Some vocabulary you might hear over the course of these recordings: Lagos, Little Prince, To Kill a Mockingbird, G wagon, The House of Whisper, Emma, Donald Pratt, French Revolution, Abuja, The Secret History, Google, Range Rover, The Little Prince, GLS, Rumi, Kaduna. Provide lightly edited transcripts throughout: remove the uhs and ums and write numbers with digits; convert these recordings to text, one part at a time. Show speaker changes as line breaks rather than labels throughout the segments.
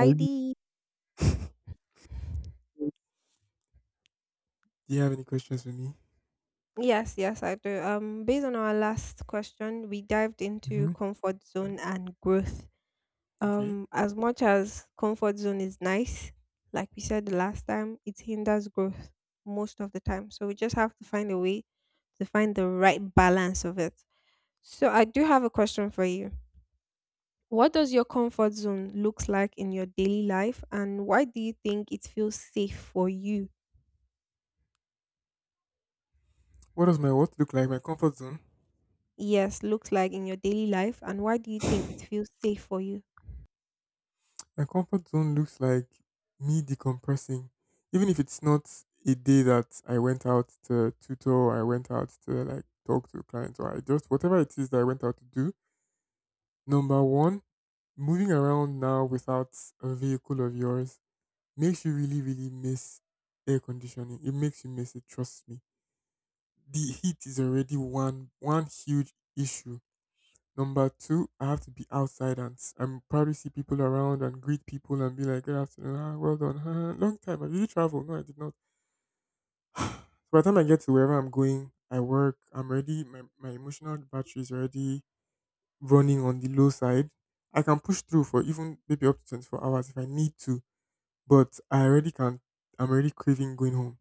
I really. Do you have any questions for me?
Yes, yes, I do. Based on our last question, we dived into
hmm
comfort zone and growth.
Okay.
As much as comfort zone is nice, like we said the last time, it hinders growth most of the time. So we just have to find a way to find the right balance of it. So I do have a question for you. What does your comfort zone looks like in your daily life, and why do you think it feels safe for you?
What does my what look like? My comfort zone.
Yes, looks like in your daily life and why do you think it feels safe for you?
My comfort zone looks like me decompressing, even if it's not a day that I went out to tutor, or I went out to like talk to clients, or I just whatever it is that I went out to do. Number one, moving around now without a vehicle of yours makes you really, really miss air conditioning. It makes you miss it. Trust me. The heat is already one huge issue. Number two, I have to be outside and and probably see people around and greet people and be like, "Good afternoon, ah, well done, ah, long time. Have you traveled?" No, I did not. So by the time I get to wherever I'm going, I work, I'm ready, my emotional battery is already running on the low side. I can push through for even maybe up to 24 hours if I need to, but I'm already craving going home.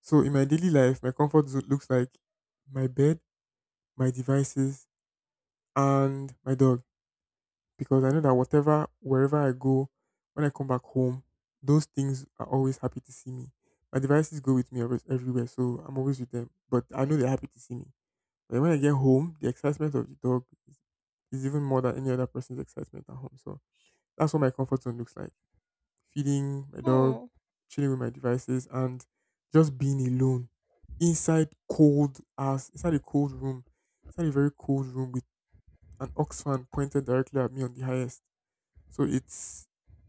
So in my daily life, my comfort zone looks like my bed, my devices, and my dog, because I know that whatever, wherever I go, when I come back home, those things are always happy to see me. My devices go with me always everywhere, so I'm always with them. But I know they're happy to see me. But when I get home, the excitement of the dog is even more than any other person's excitement at home. So that's what my comfort zone looks like: feeding my dog,
Hmm.
chilling with my devices, and just being alone inside a cold room, inside a very cold room with an ox fan pointed directly at me on the highest, so it's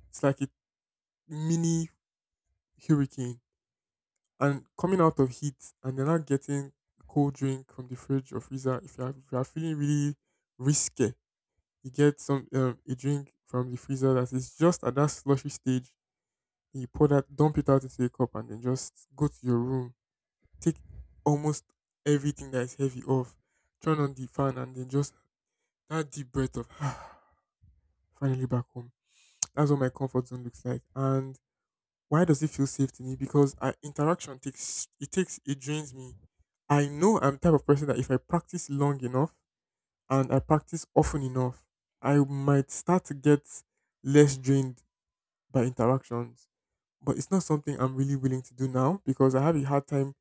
it's like a mini hurricane. And coming out of heat and then not getting a cold drink from the fridge or freezer, if you are feeling really risky, you get some a drink from the freezer that is just at that slushy stage. You pour that, dump it out into a cup, and then just go to your room. Take almost everything that is heavy off. Turn on the fan, and then just that deep breath of finally back home. That's what my comfort zone looks like. And why does it feel safe to me? Because interaction takes it, drains me. I know I'm the type of person that if I practice long enough and I practice often enough, I might start to get less drained by interactions. But it's not something I'm really willing to do now because I have a hard time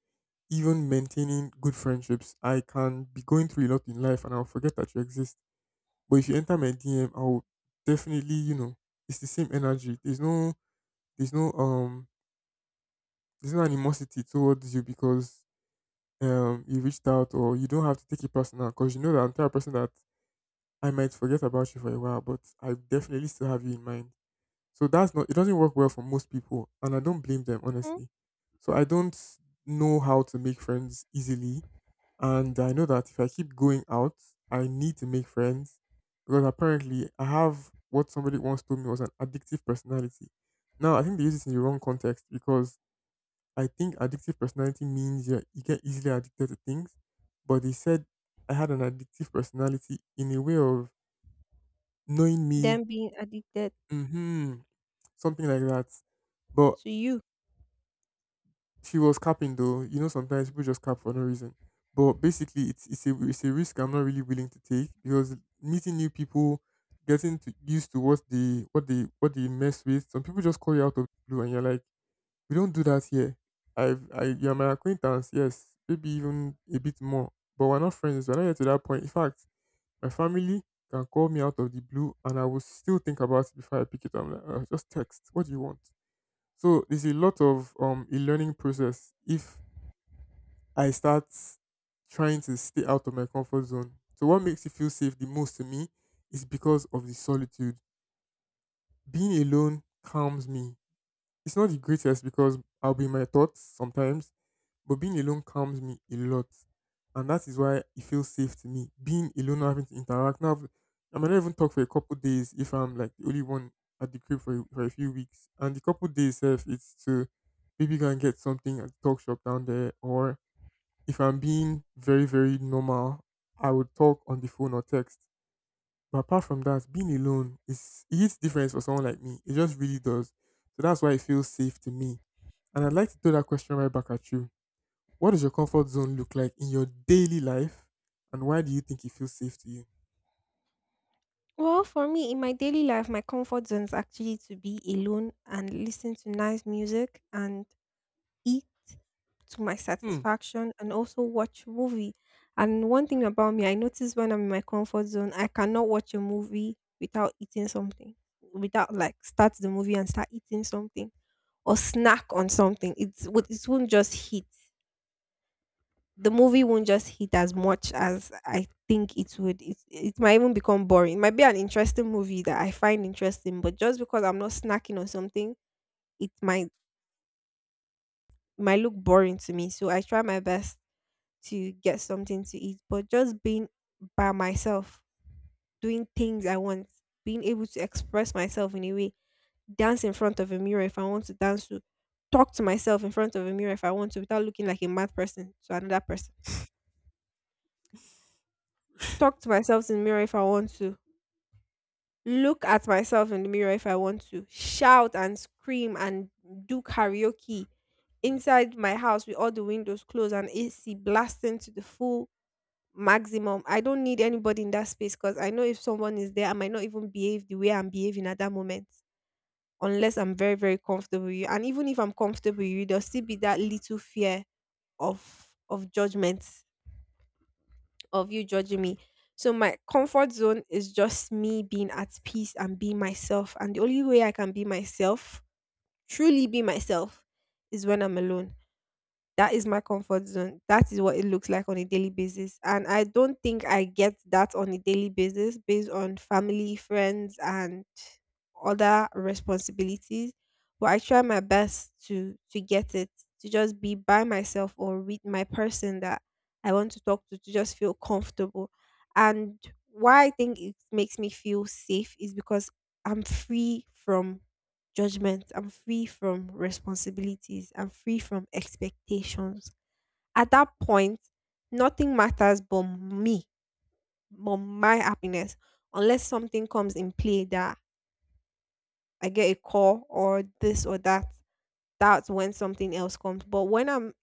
even maintaining good friendships. I can be going through a lot in life and I'll forget that you exist. But if you enter my DM, I'll definitely, it's the same energy. There's no there's no animosity towards you because you reached out, or you don't have to take it personal because you know that I'm the type of person that I might forget about you for a while, but I definitely still have you in mind. So that's not, it doesn't work well for most people, and I don't blame them
Hmm.
honestly. So I don't know how to make friends easily, and I know that if I keep going out, I need to make friends because apparently I have what somebody once told me was an addictive personality. Now I think they use it in the wrong context because I think addictive personality means you get easily addicted to things. But they said I had an addictive personality in a way of knowing me,
Them being addicted
hmm something like that. But
to you?
she was capping though. You know, sometimes people just cap for no reason. But basically, it's a risk I'm not really willing to take because meeting new people, getting to used to what they mess with. Some people just call you out of the blue, and you're like, "We don't do that here. You're my acquaintance, yes, maybe even a bit more, but we're not friends. We're not yet to that point." In fact, my family can call me out of the blue, and I will still think about it before I pick it up. I'm like, just text. What do you want?" So there's a lot of a learning process if I start trying to stay out of my comfort zone. So what makes you feel safe the most to me is because of the solitude. Being alone calms me. It's not the greatest because I'll be in my thoughts sometimes. But being alone calms me a lot. And that is why it feels safe to me. Being alone, not having to interact. Now, I might not even talk for a couple days if I'm like the only one at the crib for for a few weeks. And the couple days, if it's to maybe go and get something at the talk shop down there. Or if I'm being very, very normal, I would talk on the phone or text. But apart from that, being alone, is it hits different for someone like me. It just really does. So that's why it feels safe to me. And I'd like to throw that question right back at you: what does your comfort zone look like in your daily life, and why do you think it feels safe to you?
Well, for me, in my daily life, my comfort zone is actually to be alone and listen to nice music and eat to my
Hmm.
satisfaction and also watch movie. And one thing about me, I notice when I'm in my comfort zone, I cannot watch a movie without eating something, without like start the movie and start eating something or snack on something. It won't just hit. The movie won't just hit as much as I think it would. It might even become boring. It might be an interesting movie that I find interesting, but just because I'm not snacking on something, it might look boring to me. So I try my best to get something to eat, but just being by myself, doing things I want, being able to express myself in a way, dance in front of a mirror if I want to dance to, talk to myself in front of a mirror if I want to without looking like a mad person to another person, talk to myself in the mirror if I want to, look at myself in the mirror if I want to, shout and scream and do karaoke inside my house with all the windows closed and AC blasting to the full maximum. I don't need anybody in that space because I know if someone is there, I might not even behave the way I'm behaving at that moment unless I'm very, very comfortable with you. And even if I'm comfortable with you, there'll still be that little fear of judgment, of you judging me. So my comfort zone is just me being at peace and being myself. And the only way I can be myself, truly be myself, is when I'm alone. That is my comfort zone. That is what it looks like on a daily basis. And I don't think I get that on a daily basis based on family, friends, and other responsibilities. But I try my best to get it, to just be by myself or with my person that I want to talk to just feel comfortable. And why I think it makes me feel safe is because I'm free from judgment. I'm free from responsibilities. I'm free from expectations. At that point, nothing matters but me, but my happiness, unless something comes in play that I get a call or this or that. That's when something else comes. But when I'm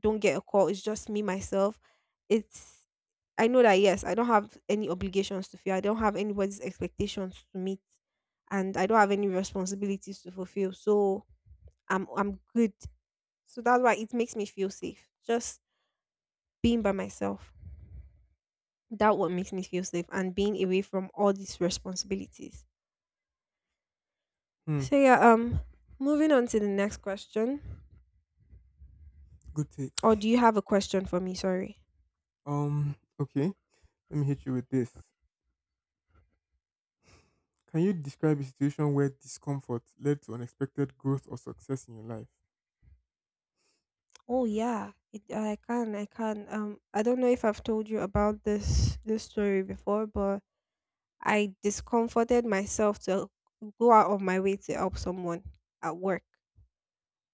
don't get a call, it's just me myself. It's I know that yes, I don't have any obligations to fear. I don't have anybody's expectations to meet, and I don't have any responsibilities to fulfill. So I'm good. So that's why it makes me feel safe. Just being by myself. That what makes me feel safe and being away from all these responsibilities.
Hmm.
So yeah, moving on to the next question.
Good take.
Or do you have a question for me? Sorry.
Um, okay. Let me hit you with this. Can you describe a situation where discomfort led to unexpected growth or success in your life?
Oh yeah. I can, I can. I don't know if I've told you about this story before, but I discomforted myself to go out of my way to help someone at work.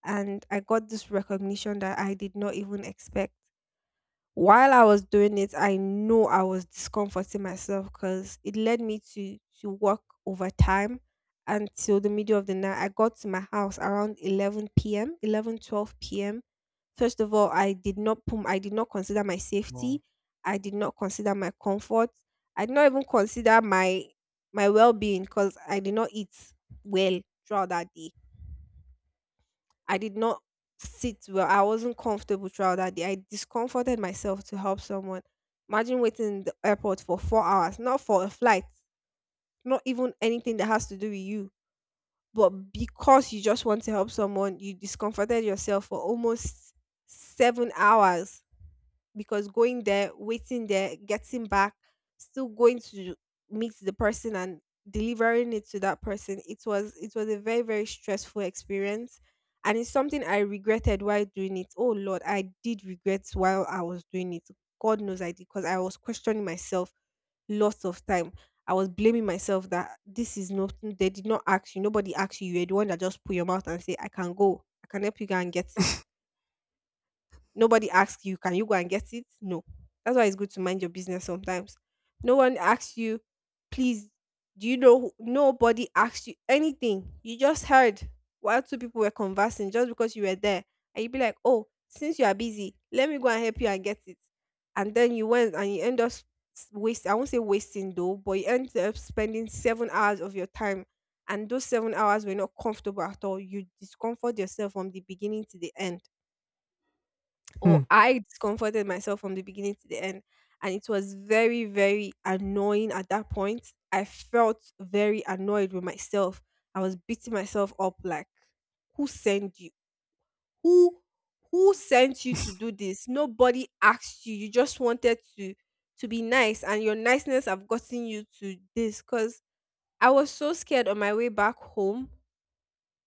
And I got this recognition that I did not even expect. While I was doing it, I know I was discomforting myself because it led me to work overtime until the middle of the night. I got to my house around 11 p.m., 11, 12 p.m. First of all, I did not consider my
Wow.
safety. I did not consider my comfort. I did not even consider my well-being because I did not eat well throughout that day. I did not sit well. I wasn't comfortable throughout that day. I discomforted myself to help someone. Imagine waiting in the airport for 4 hours, not for a flight, not even anything that has to do with you, but because you just want to help someone, you discomforted yourself for almost 7 hours because going there, waiting there, getting back, still going to meet the person and delivering it to that person, it was a very very stressful experience, and it's something I regretted while doing it. Oh Lord, I did regret while I was doing it. God knows I did because I was questioning myself lots of time. I was blaming myself that this is not they did not ask you. Nobody asked you. You're the one that just put your mouth and say, I can go. I can help you go and get it. Nobody asks you, can you go and get it? No. That's why it's good to mind your business sometimes. No one asks you, please, do you know? Who-" Nobody asks you anything. You just heard while two people were conversing just because you were there. And you'd be like, oh, since you are busy, let me go and help you and get it. And then you went and you end up waste. I won't say wasting though, but you end up spending 7 hours of your time and those 7 hours were not comfortable at all. You discomfort yourself from the beginning to the end, or
Hmm.
I discomforted myself from the beginning to the end. And it was very, very annoying at that point. I felt very annoyed with myself. I was beating myself up like, who sent you? Who who sent you to do this? Nobody asked you. You just wanted to be nice and your niceness have gotten you to this. Cause I was so scared on my way back home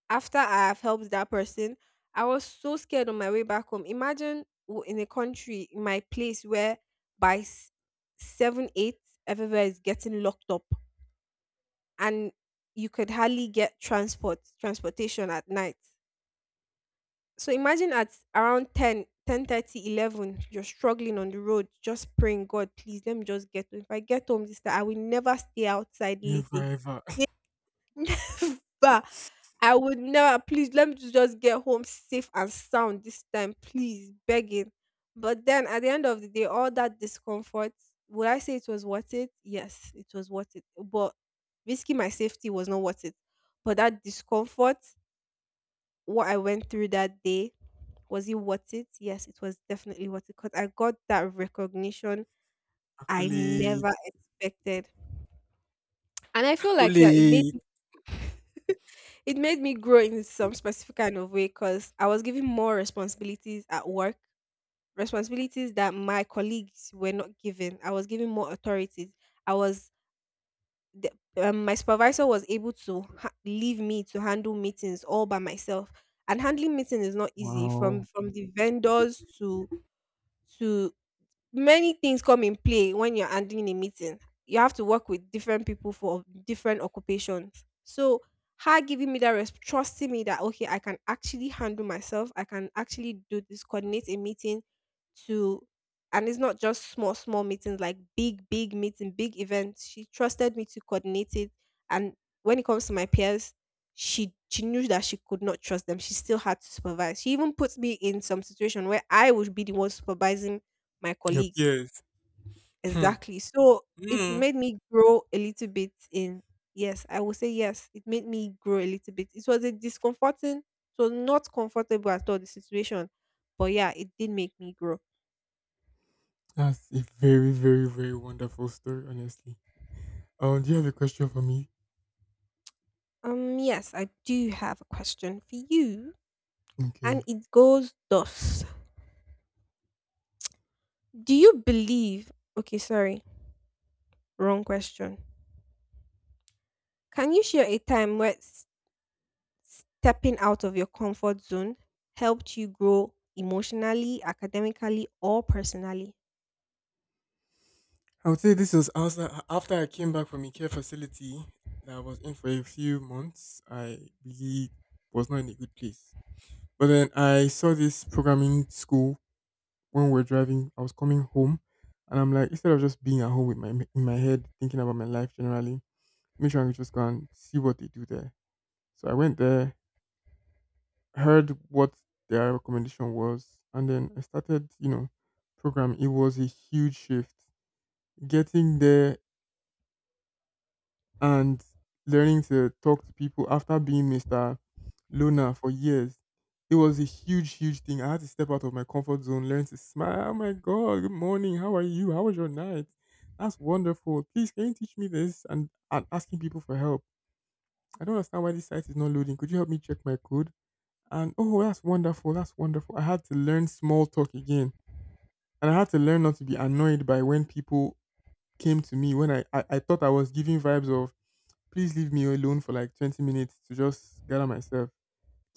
after I have helped that person, I was so scared on my way back home. Imagine in a country, in my place where by s- 7, 8, everywhere is getting locked up and you could hardly get transport, transportation at night. So imagine at around 10, 10:30, 11, you're struggling on the road, just praying, God, please let me just get home. If I get home this time, I will never stay outside late
Never
again.
ever.
But I would never. Please let me to just get home safe and sound this time, please, begging. But then at the end of the day, all that discomfort, would I say it was worth it? Yes, it was worth it. But risking my safety was not worth it. But that discomfort, what I went through that day, was it worth it? Yes, it was definitely worth it because I got that recognition I
Accolade.
never expected. And I feel like, yeah,
Accolade.
it made me grow in some specific kind of way because I was given more responsibilities at work, responsibilities that my colleagues were not given. I was given more authorities. I was the, my supervisor was able to leave me to handle meetings all by myself, and handling meeting is not easy. From
Wow.
from the vendors to many things come in play when you're handling a meeting. You have to work with different people for different occupations. So her giving me that trusting me that okay, I can actually handle myself. I can actually do this, coordinate a meeting to and it's not just small, small meetings, like big, big meeting, big events. She trusted me to coordinate it. And when it comes to my peers, she knew that she could not trust them. She still had to supervise. She even put me in some situation where I would be the one supervising my
Your
colleagues.
peers. Hmm.
Exactly. So it
Hmm.
made me grow a little bit in, yes, I will say yes, it made me grow a little bit. It was a discomforting, so not comfortable at all, the situation. But yeah, it did make me grow.
That's a very, very, very wonderful story, honestly. Do you have a question for me?
Yes, I do have a question for you,
Okay.
and it goes thus. Do you believe? Okay, sorry, wrong question. Can you share a time where stepping out of your comfort zone helped you grow emotionally, academically, or personally?
I would say this was also after I came back from a care facility that I was in for a few months. I really was not in a good place. But then I saw this programming school when we were driving. I was coming home, and I'm like, instead of just being at home with my in my head thinking about my life generally, make sure I just go and see what they do there. So I went there, heard what their recommendation was, and then I started, you know, program. It was a huge shift. Getting there and learning to talk to people after being Mr. Loner for years. It was a huge, huge thing. I had to step out of my comfort zone, learn to smile. Oh my God, good morning. How are you? How was your night? That's wonderful. Please, can you teach me this? And asking people for help. I don't understand why this site is not loading. Could you help me check my code? And oh, that's wonderful. That's wonderful. I had to learn small talk again. And I had to learn not to be annoyed by when people came to me when I thought I was giving vibes of please leave me alone for like 20 minutes to just gather myself.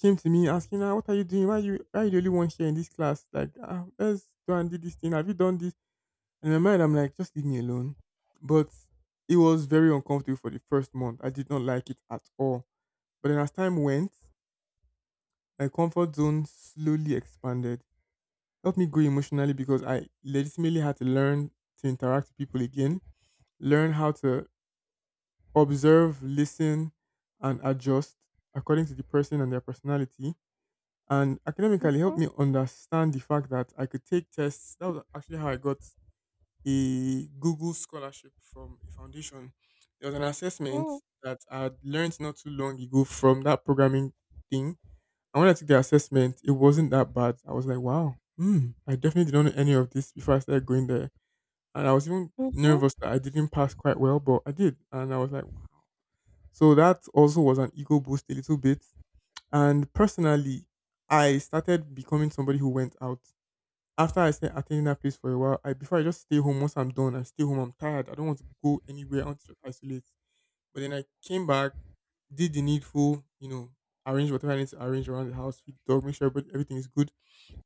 Came to me asking, ah, what are you doing? Why are you the only one here in this class? Like, ah, let's go and do this thing. Have you done this? And in my mind, I'm like, just leave me alone. But it was very uncomfortable for the first month. I did not like it at all. But then as time went, my comfort zone slowly expanded. Helped me grow emotionally because I legitimately had to learn to interact with people again, learn how to observe, listen, and adjust according to the person and their personality. And academically helped
Mhm,
me understand the fact that I could take tests. That was actually how I got a Google scholarship from a foundation. There was an assessment
mm,
that I had learned not too long ago from that programming thing. And when I took the assessment, it wasn't that bad. I was like, wow, hmm, I definitely didn't know any of this before I started going there. And I was even
mhm,
nervous that I didn't pass quite well, but I did. And I was like, so that also was an ego boost a little bit. And personally, I started becoming somebody who went out. After I started attending that place for a while, I before I just stay home, once I'm done, I stay home, I'm tired. I don't want to go anywhere, I want to just isolate. But then I came back, did the needful, you know, arrange whatever I need to arrange around the house, feed the dog, make sure everything is good.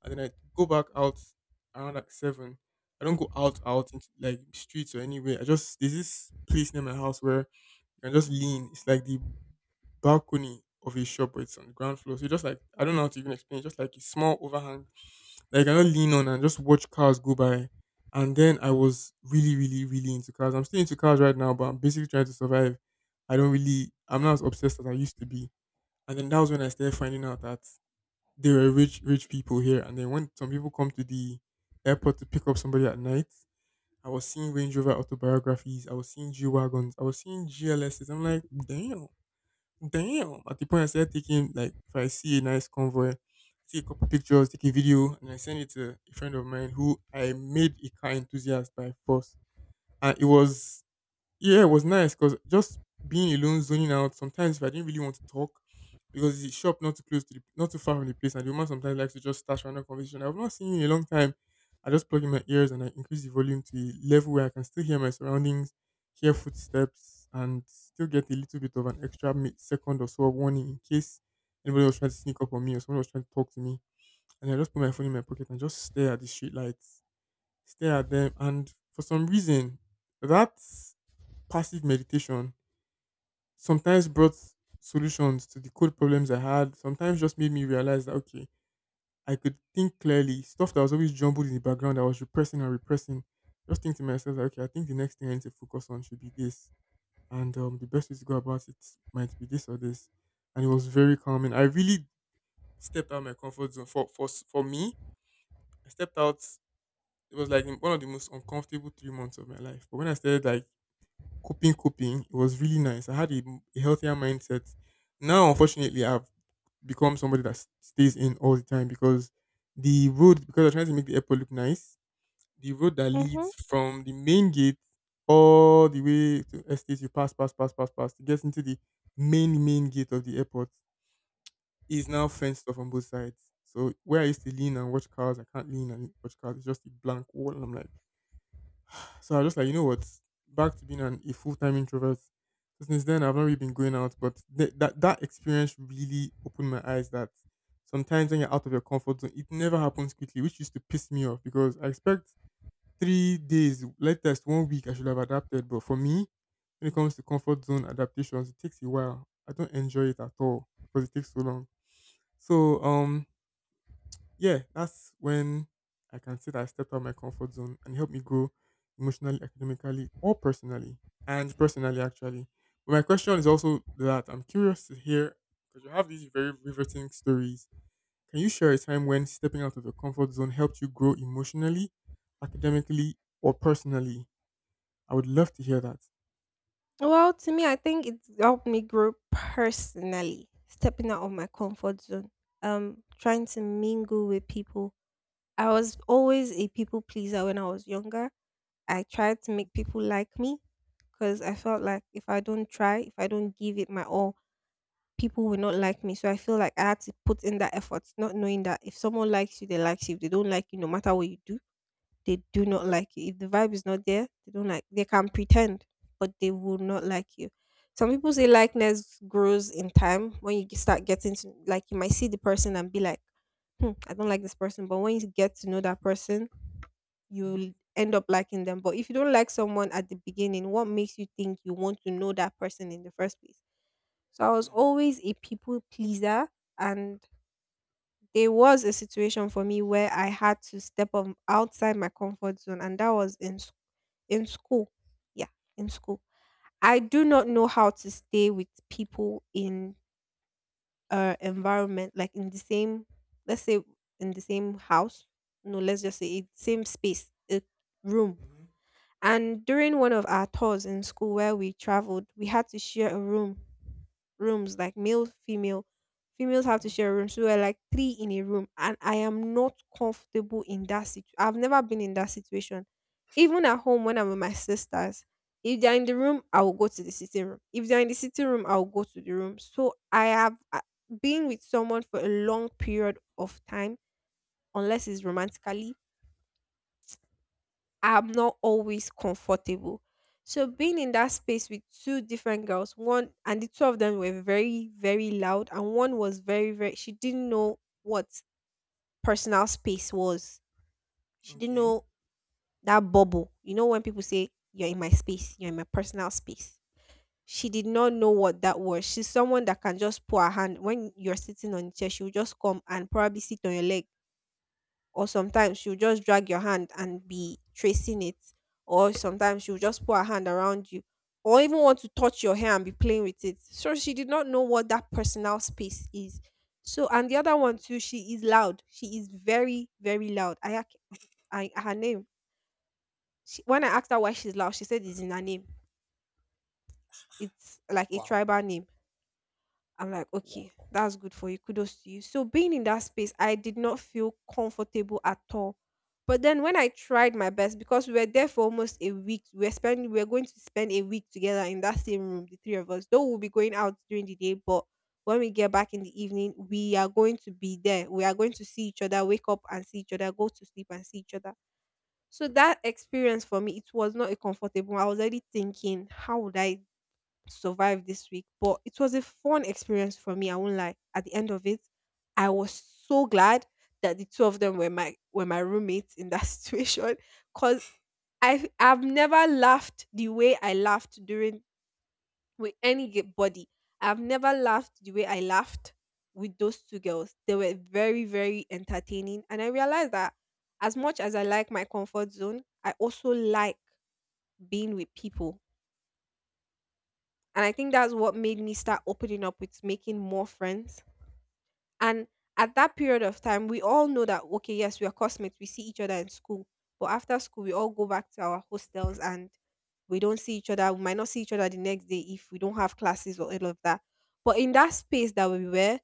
And then I go back out around like seven. I don't go out out into like streets or anywhere. I just there's this place near my house where you can just lean. It's like the balcony of a shop, but it's on the ground floor. So you just like I don't know how to even explain. It's just like a small overhang. Like I just lean on and just watch cars go by. And then I was really, really, really into cars. I'm still into cars right now, but I'm basically trying to survive. I don't really. I'm not as obsessed as I used to be. And then that was when I started finding out that there were rich, rich people here. And then when some people come to the airport to pick up somebody at night, I was seeing Range Rover autobiographies. I was seeing G wagons. I was seeing GLSes. I'm like, damn, damn. At the point I started taking like if I see a nice convoy, see a couple pictures, take a video, and I send it to a friend of mine who I made a car enthusiast by force. And it was yeah, it was nice because just being alone, zoning out. Sometimes if I didn't really want to talk, because the shop not too close to the, not too far from the place, and the woman sometimes likes to just start random conversation. I've not seen you in a long time. I just plug in my ears and I increase the volume to a level where I can still hear my surroundings, hear footsteps, and still get a little bit of an extra second or so of warning in case anybody was trying to sneak up on me or someone was trying to talk to me. And I just put my phone in my pocket and just stare at the street lights, stare at them, and for some reason, that passive meditation sometimes brought solutions to the code problems I had. Sometimes just made me realize that okay, I could think clearly. Stuff that was always jumbled in the background, I was repressing and repressing. Just think to myself, that, okay, I think the next thing I need to focus on should be this, and the best way to go about it might be this or this. And it was very calming. I really stepped out of my comfort zone. For me, I stepped out. It was like one of the most uncomfortable 3 months of my life. But when I started like coping, coping. It was really nice. I had a healthier mindset. Now, unfortunately, I've become somebody that stays in all the time because the road, because I'm trying to make the airport look nice, the road that
mhm.
leads from the main gate all the way to estate, you pass, pass, pass, pass, pass, to get into the main gate of the airport is now fenced off on both sides. So where I used to lean and watch cars, I can't lean and watch cars. It's just a blank wall. And I'm like, so I was just like, you know what? Back to being a full time introvert. So since then, I've not really been going out, but that experience really opened my eyes that sometimes when you're out of your comfort zone, it never happens quickly, which used to piss me off because I expect 3 days, latest one week, I should have adapted. But for me, when it comes to comfort zone adaptations, it takes a while. I don't enjoy it at all because it takes so long. So yeah, that's when I can say that I stepped out of my comfort zone and it helped me grow emotionally, academically, or personally, and personally actually. But my question is also that I'm curious to hear because you have these very riveting stories. Can you share a time when stepping out of your comfort zone helped you grow emotionally, academically, or personally? I would love to hear that.
Well, to me, I think it helped me grow personally, stepping out of my comfort zone, trying to mingle with people. I was always a people pleaser when I was younger. I tried to make people like me because I felt like if I don't try, if I don't give it my all, people will not like me. So I feel like I had to put in that effort, not knowing that if someone likes you, they likes you. If they don't like you, no matter what you do, they do not like you. If the vibe is not there, they don't like. They can pretend, but they will not like you. Some people say likeness grows in time when you start getting to like you might see the person and be like, hmm, I don't like this person. But when you get to know that person,
Hmm.
you'll end up liking them. But if you don't like someone at the beginning, what makes you think you want to know that person in the first place? So I was always a people pleaser. And there was a situation for me where I had to step up outside my comfort zone, and that was in school. Yeah, in school. I do not know how to stay with people in environment, like in the same, let's say, in the same house. No, let's just say it same space, a room.
Mm-hmm.
And during one of our tours in school where we traveled, we had to share a room. Rooms like male, female. Females have to
Hmm.
share a room. So we're like three in a room. And I am not comfortable in that situation. I've never been in that situation. Even at home when I'm with my sisters, if they're in the room, I will go to the sitting room. If they're in the sitting room, I will go to the room. So I have been with someone for a long period of time, unless it's romantically, I'm not always comfortable. So being in that space with two different girls, one and the two of them were very, very loud, and one was very, very, she didn't know what personal space was. She didn't
Okay.
know that bubble. You know when people say you're in my space, you're in my personal space. She did not know what that was. She's someone that can just put her hand when you're sitting on the chair, she'll just come and probably sit on your leg, or sometimes she'll just drag your hand and be tracing it, or sometimes she'll just put her hand around you, or even want to touch your hair and be playing with it. So she did not know what that personal space is. So and the other one too, she is loud, she is very, very loud. I her name, she, when I asked her why she's loud, she said it's in her name. It's like a
Wow.
tribal name. I'm like,
Wow.
okay, that's good for you. Kudos to you. So being in that space, I did not feel comfortable at all. But then when I tried my best, because we were there for almost a week, we were spending, we were going to spend a week together in that same room, the three of us. Though we'll be going out during the day, but when we get back in the evening, we are going to be there. We are going to see each other, wake up and see each other, go to sleep and see each other. So that experience for me, it was not a comfortable. I was already thinking, how would I survive this week. But it was a fun experience for me. I won't lie. At the end of it, I was so glad that the two of them were my roommates in that situation because I've never laughed the way I laughed during with anybody. I've never laughed the way I laughed with those two girls. They were very, very entertaining, and I realized that as much as I like my comfort zone, I also like being with people. And I think that's what made me start opening up with making more friends. And at that period of time, we all know that okay, yes, we are classmates, we see each other in school, but after school, we all go back to our hostels and we don't see each other. We might not see each other the next day if we don't have classes or all of that. But in that space that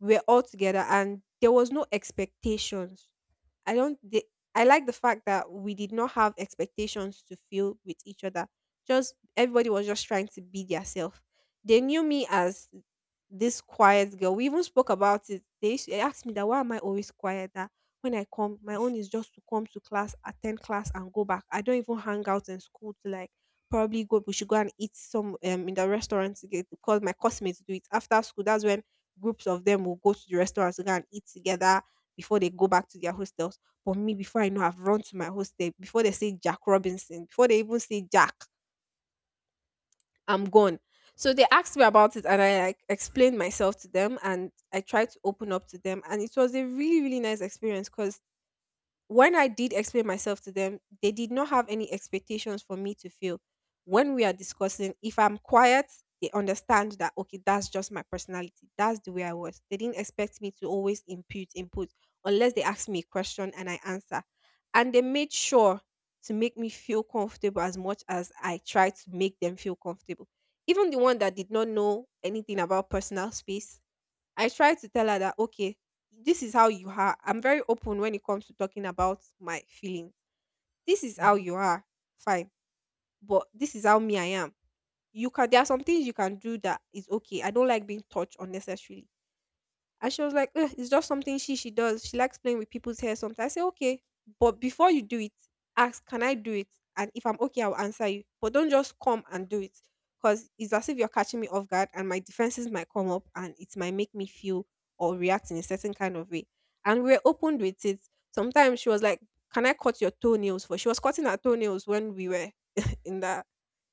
we were all together, and there was no expectations. I don't. The, I like the fact that we did not have expectations to fill with each other. Just everybody was just trying to be theirself. They knew me as this quiet girl. We even spoke about it. They asked me that why am I always quiet? That when I come, my own is just to come to class, attend class, and go back. I don't even hang out in school to like probably go. We should go and eat some in the restaurant together because my classmates do it after school. That's when groups of them will go to the restaurant to go and eat together before they go back to their hostels. But me, before I know, I've run to my hostel before they say Jack Robinson, before they even say Jack. I'm gone. So they asked me about it and I like explained myself to them and I tried to open up to them and it was a really, really nice experience cause when I did explain myself to them, they did not have any expectations for me to feel. When we are discussing, if I'm quiet, they understand that okay, that's just my personality. That's the way I was. They didn't expect me to always impute input unless they ask me a question and I answer. And they made sure to make me feel comfortable as much as I tried to make them feel comfortable. Even the one that did not know anything about personal space, I try to tell her that, okay, this is how you are. I'm very open when it comes to talking about my feelings. This is how you
Hmm.
are. Fine. But this is how me I am. You can, there are some things you can do that is okay. I don't like being touched unnecessarily. And she was like, "Ugh, it's just something she does. She likes playing with people's hair sometimes. I say, okay, but before you do it, ask, can I do it? And if I'm okay, I'll answer you. But don't just come and do it. Because it's as if you're catching me off guard and my defenses might come up and it might make me feel or react in a certain kind of way. And we are open with it. Sometimes she was like, can I cut your toenails for? She was cutting her toenails when we were in the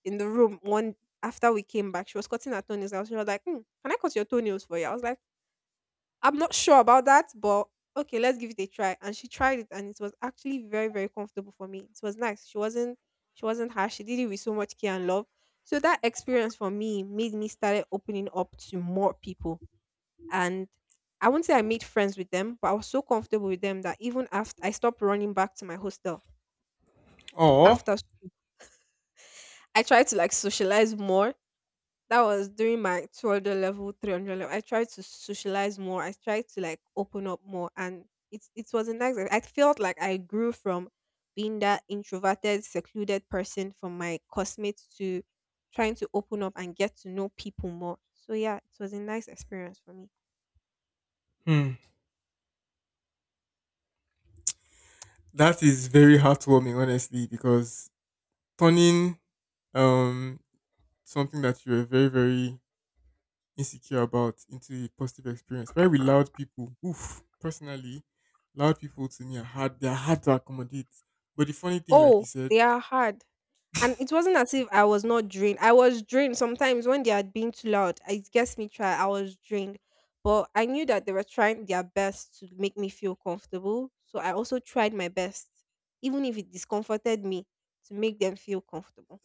in the room one after we came back. She was cutting her toenails. I was, she was like, "Hmm, can I cut your toenails for you? I was like, I'm not sure about that, but okay, let's give it a try." And she tried it, and it was actually very, very comfortable for me. It was nice. She wasn't harsh. She did it with so much care and love. So that experience for me made me started opening up to more people, and I wouldn't say I made friends with them, but I was so comfortable with them that even after I stopped running back to my hostel
Or.
after s- I tried to like socialize more. That was during my 200 level, 300 level. I tried to socialize more. I tried to like open up more, and it's, it was a nice. I felt like I grew from being that introverted, secluded person from my classmates to trying to open up and get to know people more. So yeah, it was a nice experience for me.
Hmm. That is very heartwarming, honestly, because turning um something that you were very very insecure about into a positive experience. Very with loud people, oof, personally, loud people to me are hard. They are hard to accommodate. But the funny thing, like you
Oh,
said,
they are hard. And it wasn't as if I was not drained. I was drained sometimes when they had been too loud. It gets me try. I was drained, but I knew that they were trying their best to make me feel comfortable. So I also tried my best, even if it discomforted me, to make them feel comfortable.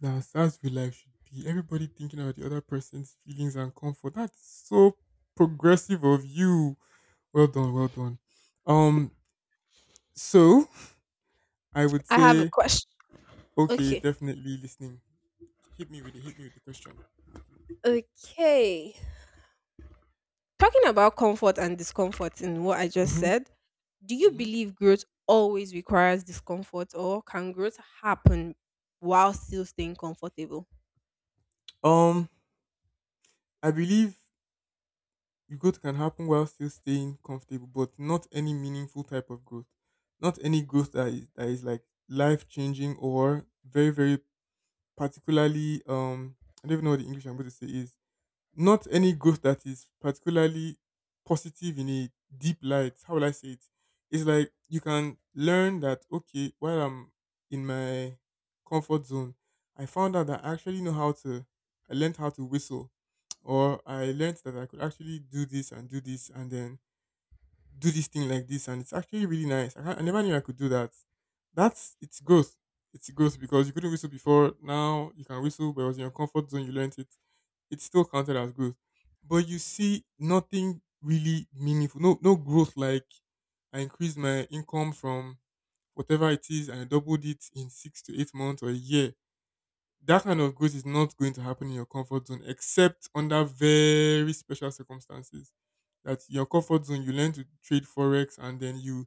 that's real life should be. Everybody thinking about the other person's feelings and comfort. That's so progressive of you. Well done, well done. Um, so I would
I have a
say,
question.
okay,
Okay.
definitely listening. Hit me with it. Hit me with the question.
Okay. Talking about comfort and discomfort in what I just
Mm-hmm.
said, do you
Mm-hmm.
believe growth always requires discomfort or can growth happen while still staying comfortable?
Um, I believe growth can happen while still staying comfortable, but not any meaningful type of growth. Not any growth that is like life changing or very, very particularly I don't even know what the English I'm going to say is not any growth that is particularly positive in a deep light. How will I say it? It's like you can learn that okay, while I'm in my comfort zone, I found out that I actually know how to. I learned how to whistle, or I learned that I could actually do this and then do this thing like this, and it's actually really nice. I never knew I could do that. That's it's growth. It's growth because you couldn't whistle before. Now you can whistle, but it was in your comfort zone. You learned it it's still counted as growth. But you see nothing really meaningful, no growth like I increased my income from whatever it is and I doubled it in 6 to 8 months or a year that kind of growth is not going to happen in your comfort zone except under very special circumstances. That your comfort zone, you learn to trade forex and then you,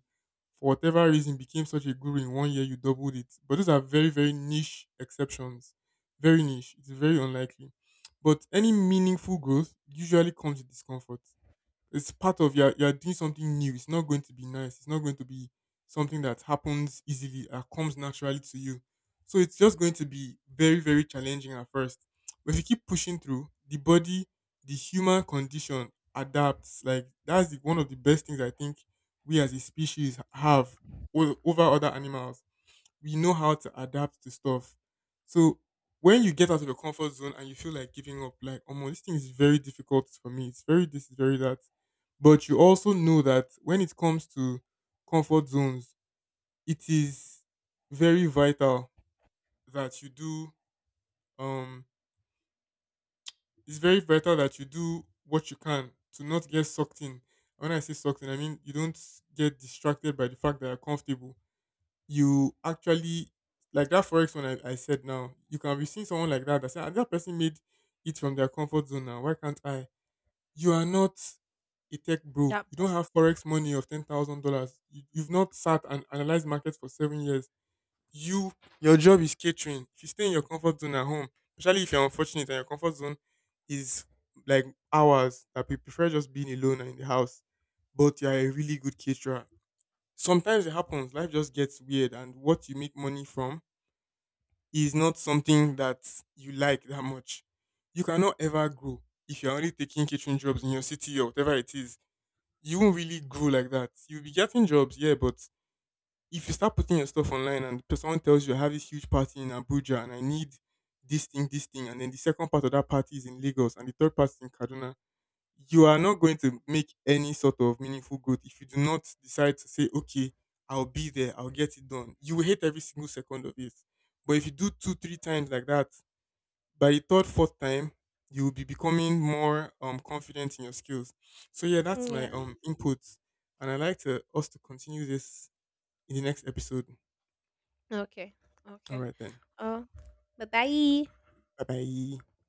for whatever reason, became such a guru in one year, you doubled it. But those are very, very niche exceptions. Very niche. It's very unlikely. But any meaningful growth usually comes with discomfort. It's part of you're doing something new. It's not going to be nice. It's not going to be something that happens easily or comes naturally to you. So it's just going to be very, very challenging at first. But if you keep pushing through, the body, the human condition adapts. Like that's the, one of the best things I think we as a species have over other animals we know how to adapt to stuff. So when you get out of your comfort zone and you feel like giving up, like, oh, this thing is very difficult for me. It's very this, it's very that. But you also know that when it comes to comfort zones, it is very vital that you do. Um, it's very vital that you do what you can to not get sucked in. When I say sucked in, I mean you don't get distracted by the fact that you're comfortable. You actually like that forex one I said now, you can be seeing someone like that that say, "Ah, that person made it from their comfort zone now. Why can't I? You are not a tech bro.
That
You don't have
person.
forex money of $10,000. You've not sat and analyzed markets for 7 years. You your job is catering. If you stay in your comfort zone at home, especially if you're unfortunate and your comfort zone is like hours that we prefer just being alone and in the house, but you're a really good caterer sometimes it happens. Life just gets weird, and what you make money from is not something that you like that much. You cannot ever grow if you're only taking kitchen jobs in your city or whatever it is. You won't really grow like that. You'll be getting jobs, yeah, but if you start putting your stuff online and someone tells you I have this huge party in Abuja and I need this thing, and then the second part of that party is in Lagos and the third part is in Kaduna, you are not going to make any sort of meaningful growth if you do not decide to say, okay, I'll be there, I'll get it done. You will hate every single second of it. But if you do two, three times like that, by the third, fourth time, you will be becoming more confident in your skills. So yeah, that's my
Yeah.
input. And I'd like to us to continue this in the next episode.
Okay.
All
Okay.
right then.
Oh, bye bye.
Bye bye.